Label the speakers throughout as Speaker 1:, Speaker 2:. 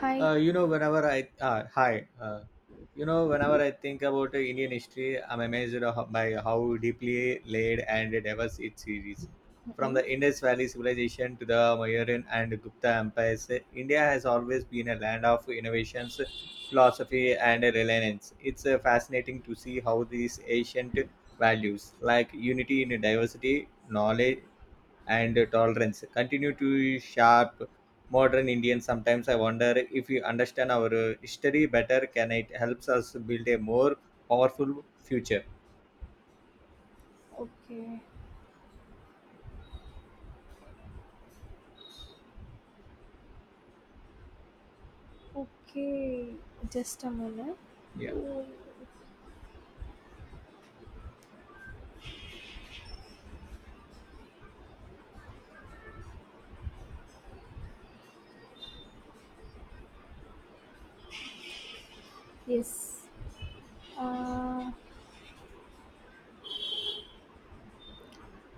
Speaker 1: Hi.
Speaker 2: Whenever I whenever I think about Indian history, I'm amazed by how deeply laid and diverse it is. From the
Speaker 1: Mm-mm.
Speaker 2: Indus Valley civilization to the Mauryan and Gupta empires, India has always been a land of innovations, philosophy, and reliance. It's fascinating to see how these ancient values, like unity in diversity, knowledge, and tolerance continue to shape modern Indians. Sometimes I wonder if we understand our history better, can it helps us build a more powerful future?
Speaker 1: Okay. Okay, just a minute.
Speaker 2: Yeah,
Speaker 1: Yes. Uh,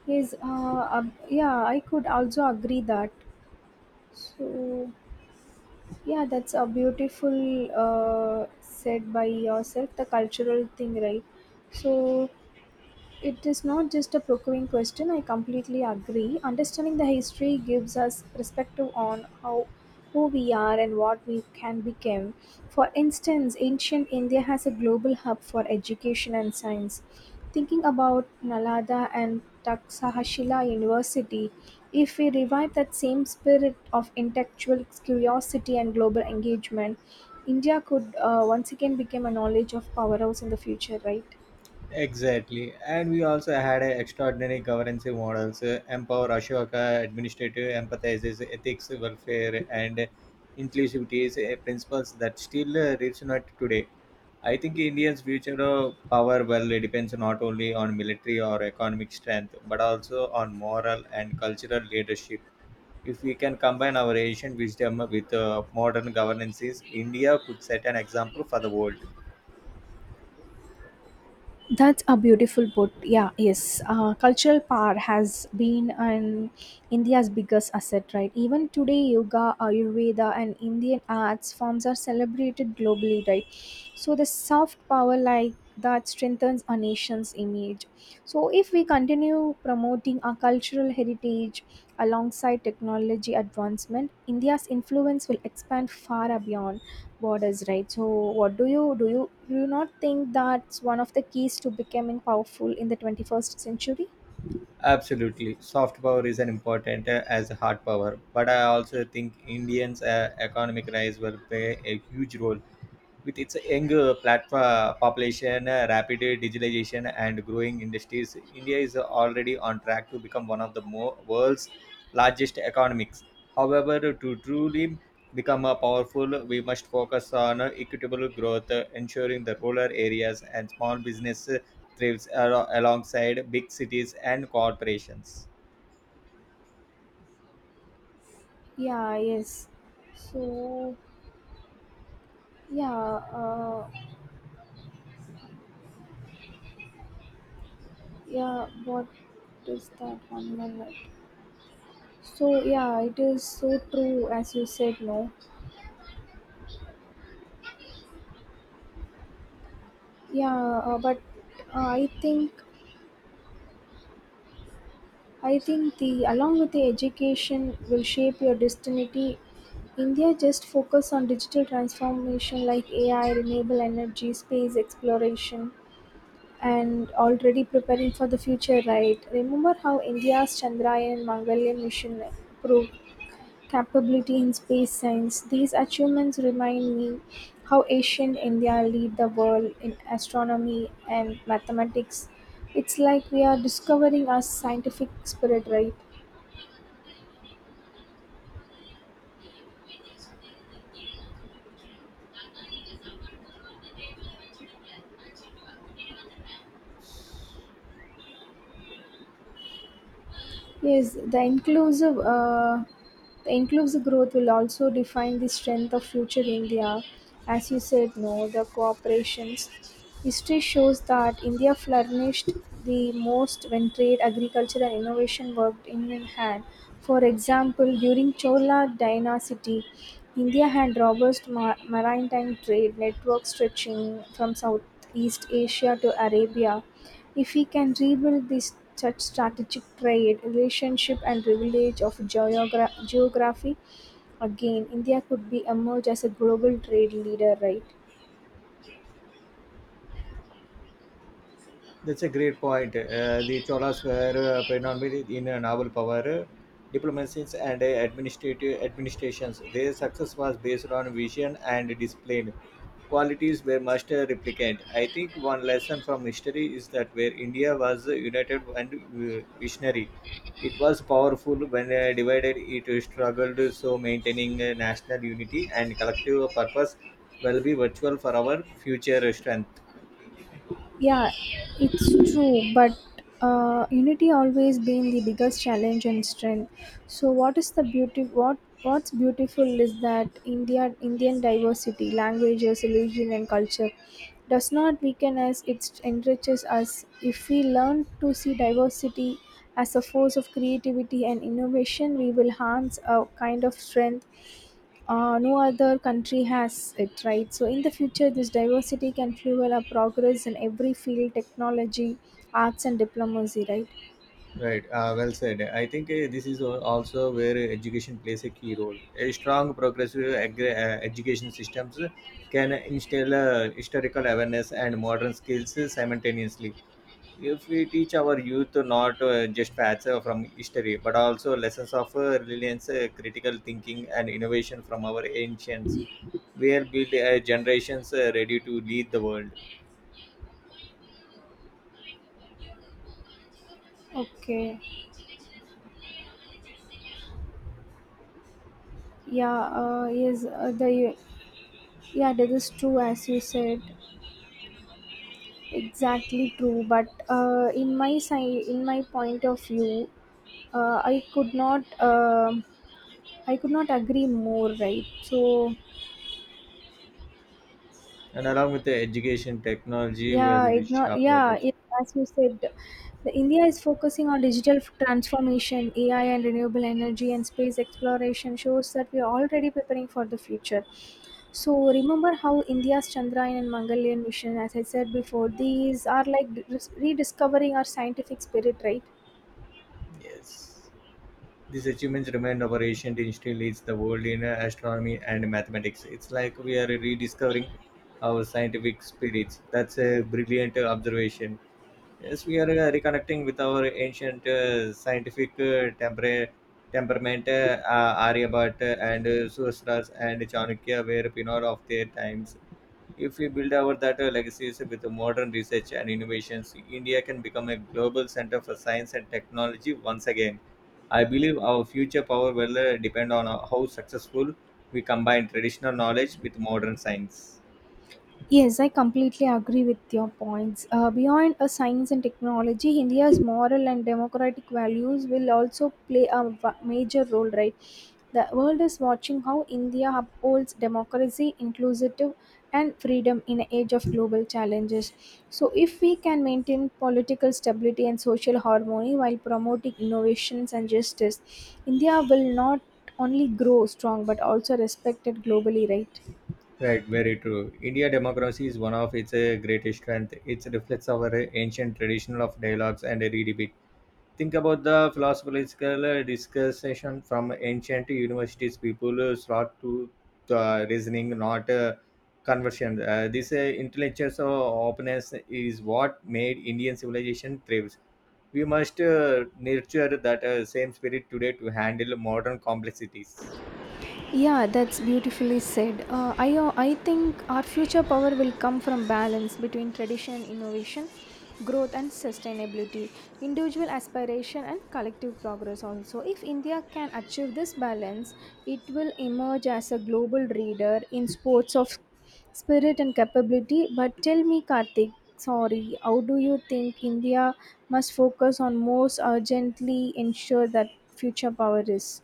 Speaker 1: yes. I could also agree that. So, yeah, that's a beautiful said by yourself. The cultural thing, right? So, it is not just a procuring question, I completely agree. Understanding the history gives us perspective on how who we are and what we can become. For instance, ancient India has a global hub for education and science. Thinking about Nalada and Taksahashila University, if we revive that same spirit of intellectual curiosity and global engagement, India could once again become a knowledge of powerhouse in the future, right?
Speaker 2: exactly. And we also had extraordinary governance models, empower Ashoka, administrative empathizes, ethics, welfare, and inclusivity is principles that still resonate today. I think India's future of power well it depends not only on military or economic strength, but also on moral and cultural leadership. If we can combine our ancient wisdom with modern governances, India could set an example for the world.
Speaker 1: That's a beautiful put. Yeah, yes. Cultural power has been an India's biggest asset, right? Even today, yoga, Ayurveda, and Indian arts forms are celebrated globally, right? So the soft power like that strengthens a nation's image. So, if we continue promoting our cultural heritage alongside technology advancement, India's influence will expand far beyond borders, right? So, what do you do? You do you not think that's one of the keys to becoming powerful in the 21st century?
Speaker 2: Absolutely, soft power is an important as hard power, but I also think Indians' economic rise will play a huge role. With its young population, rapid digitalization, and growing industries, India is already on track to become one of the world's largest economies. However, to truly become powerful, we must focus on equitable growth, ensuring the rural areas and small business thrives alongside big cities and corporations.
Speaker 1: Yeah. Yes. So, yeah. Uh, yeah. What is that 1 minute? So yeah, it is so true as you said. No. Yeah. But I think I think the along with the education will shape your destiny. India just focus on digital transformation like AI, renewable energy, space exploration, and already preparing for the future. Right? Remember how India's Chandrayaan Mangalyaan mission proved capability in space science. These achievements remind me how ancient India lead the world in astronomy and mathematics. It's like we are discovering our scientific spirit, right? Yes, the inclusive growth will also define the strength of future India. As you said, no, the cooperations. History shows that India flourished the most when trade, agriculture, and innovation worked in hand. For example, during Chola dynasty, India had robust maritime trade network stretching from Southeast Asia to Arabia. If we can rebuild this such strategic trade, relationship and privilege of geography, again, India could be emerge as a global trade leader, right?
Speaker 2: That's a great point. The Cholas were predominantly in naval power, diplomacies, and administrative administrations. Their success was based on vision and discipline, qualities were must replicate. I think one lesson from history is that where India was united and visionary, it was powerful. When divided, it struggled. So maintaining national unity and collective purpose will be virtual for our future strength.
Speaker 1: Yeah, it's true, but unity always been the biggest challenge and strength. So, what is the beauty? What's beautiful is that Indian diversity, languages, religion, and culture does not weaken us. It enriches us if we learn to see diversity as a force of creativity and innovation. We will harness a kind of strength no other country has it, right? So in the future, this diversity can fuel our progress in every field: technology, arts, and diplomacy, right?
Speaker 2: Right, well said. I think this is also where education plays a key role. A strong progressive education systems can instill historical awareness and modern skills simultaneously. If we teach our youth not just facts from history, but also lessons of resilience, critical thinking, and innovation from our ancients, we will build generations ready to lead the world.
Speaker 1: Okay. yeah yes the Yeah, that is true as you said, exactly true, but in my side, in my point of view, I could not agree more, right? So
Speaker 2: And along with the education, technology will
Speaker 1: yeah, ignore.
Speaker 2: shape our
Speaker 1: Yeah,
Speaker 2: destiny.
Speaker 1: it, as you said, the India is focusing on digital transformation, AI, and renewable energy and space exploration. Shows that we are already preparing for the future. So remember how India's Chandrayaan and Mangalyaan mission, as I said before, these are like rediscovering our scientific spirit, right?
Speaker 2: Yes. These achievements remind our ancient instinct leads the world in astronomy and mathematics. It's like we are rediscovering our scientific spirits. That's a brilliant observation. Yes, we are reconnecting with our ancient scientific temperament, Aryabhatta and Sustras and Chanakya were pioneers of their times. If we build our that legacies with modern research and innovations, India can become a global center for science and technology once again. I believe our future power will depend on how successful we combine traditional knowledge with modern science.
Speaker 1: Yes, I completely agree with your points. Beyond science and technology, India's moral and democratic values will also play a major role, right? The world is watching how India upholds democracy, inclusive, and freedom in an age of global challenges. So, if we can maintain political stability and social harmony while promoting innovations and justice, India will not only grow strong but also respected globally, right?
Speaker 2: Right, very true. India democracy is one of its greatest strength. It reflects our ancient tradition of dialogues and redebates. Think about the philosophical discussion from ancient universities, people sought to the reasoning, not conversion. Uh, this intellectual so openness is what made Indian civilization thrives. We must nurture that same spirit today to handle modern complexities.
Speaker 1: Yeah, that's beautifully said. I think our future power will come from balance between tradition and innovation, growth and sustainability, individual aspiration and collective progress also. If India can achieve this balance, it will emerge as a global leader in sports of spirit and capability. But tell me, Karthik, sorry, how do you think India must focus on most urgently ensure that future power is?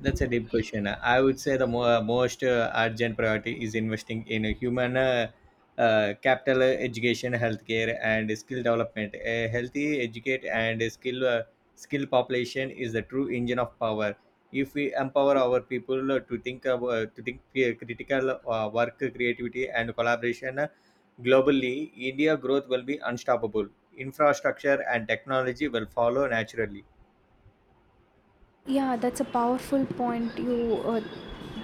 Speaker 2: That's a deep question. I would say the most urgent priority is investing in a human capital, education, healthcare, and skill development. A healthy, educate, and skill population is the true engine of power. If we empower our people to think critical work, creativity, and collaboration globally, India growth will be unstoppable. Infrastructure and technology will follow naturally.
Speaker 1: Yeah, that's a powerful point you uh,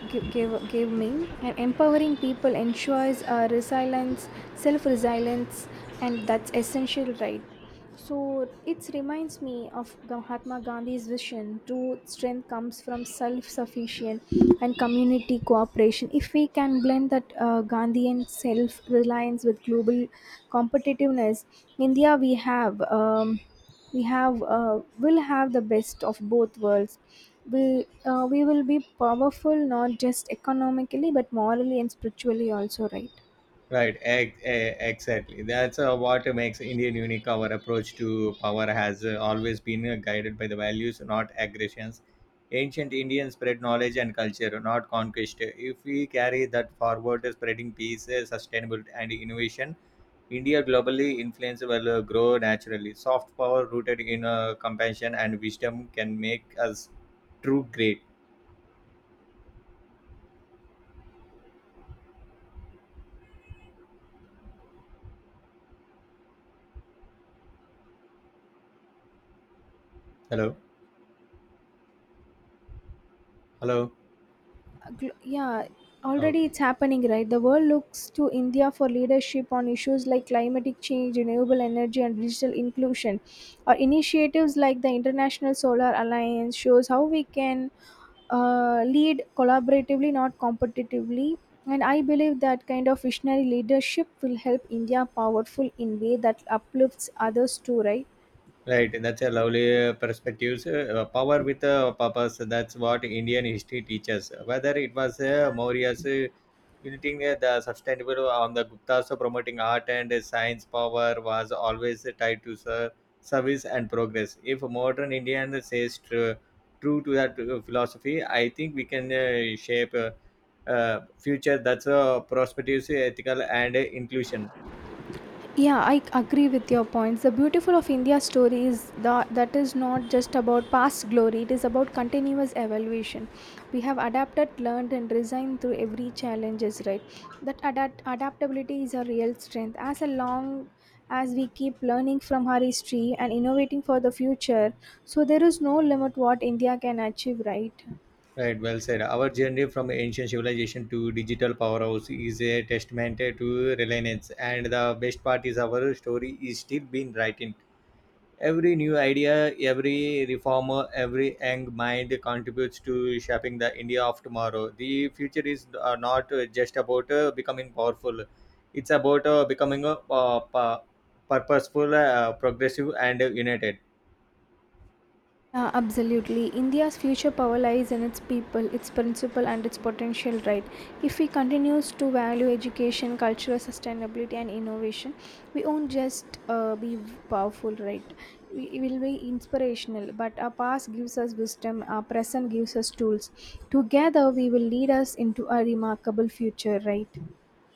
Speaker 1: gi- gave, gave me. And empowering people ensures resilience, self resilience, and that's essential, right? So it reminds me of Mahatma Gandhi's vision true strength comes from self sufficient and community cooperation. If we can blend that Gandhian self reliance with global competitiveness, India we have will have the best of both worlds. We will be powerful not just economically but morally and spiritually also, right?
Speaker 2: Right, exactly. That's what makes Indian unique. Our approach to power has always been guided by the values, not aggressions. Ancient Indians spread knowledge and culture, not conquest. If we carry that forward, spreading peace, sustainability, and innovation, India globally influence will grow naturally. Soft power rooted in compassion and wisdom can make us true great. Hello, hello.
Speaker 1: Yeah, already
Speaker 2: Okay.
Speaker 1: it's happening, right? The world looks to India for leadership on issues like climatic change, renewable energy, and digital inclusion, or initiatives like the international solar alliance shows how we can lead collaboratively, not competitively, and I believe that kind of visionary leadership will help India powerful in way that uplifts others too, right?
Speaker 2: Right, that's a lovely perspectives. Power with a purpose. That's what Indian history teaches. Whether it was Maurya's uniting the sustainable on the Guptas promoting art and science, power was always tied to service and progress. If modern Indian says true to that philosophy, I think we can shape future that's prosperity, ethical, and inclusion.
Speaker 1: Yeah, I agree with your points. The beautiful of India's story is that that is not just about past glory, it is about continuous evaluation. We have adapted, learned, and resigned through every challenges, right? That adaptability is a real strength. As a long as we keep learning from our history and innovating for the future, so there is no limit what India can achieve, right?
Speaker 2: Right, well said. Our journey from ancient civilization to digital powerhouse is a testament to reliance, and the best part is our story is still being written. Every new idea, every reformer, every young mind contributes to shaping the India of tomorrow. The future is not just about becoming powerful; it's about becoming purposeful, progressive, and united.
Speaker 1: Yeah, absolutely. India's future power lies in its people, its principle, and its potential, right? If we continues to value education, cultural sustainability, and innovation, we won't just be powerful, right? We will be inspirational, but our past gives us wisdom, our present gives us tools. Together, we will lead us into a remarkable future, right?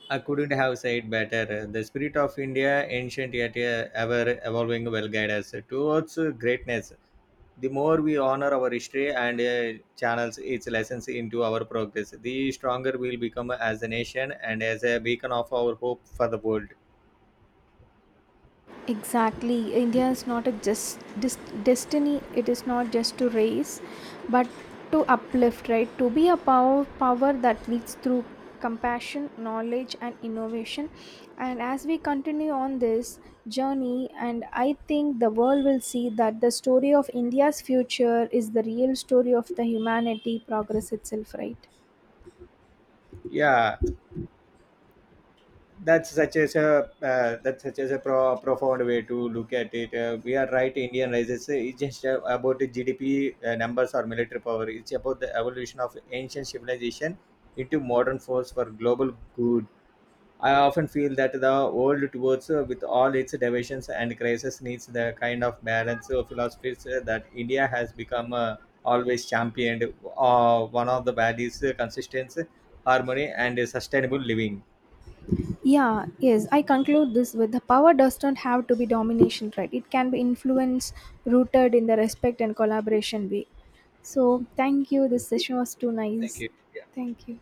Speaker 2: I couldn't have said better. The spirit of India, ancient yet ever evolving, will guide us towards greatness. The more we honor our history and channels its lessons into our progress, the stronger we'll become as a nation and as a beacon of our hope for the world.
Speaker 1: Exactly, India is not a just destiny, it is not just to raise, but to uplift, right? To be a power that leads through compassion, knowledge, and innovation, and as we continue on this journey, and I think the world will see that the story of India's future is the real story of the humanity progress itself, right?
Speaker 2: Yeah, that's such as a profound way to look at it. We are right. Indian rises is just about the GDP numbers or military power. It's about the evolution of ancient civilization into modern force for global good. I often feel that the world towards with all its divisions and crises needs the kind of balance of philosophies that India has become always championed. One of the values consistency, harmony, and sustainable living.
Speaker 1: Yeah, yes, I conclude this with the power doesn't have to be domination, right? It can be influence rooted in the respect and collaboration way. So, thank you. This session was too
Speaker 2: Thank
Speaker 1: nice.
Speaker 2: you.
Speaker 1: Thank you.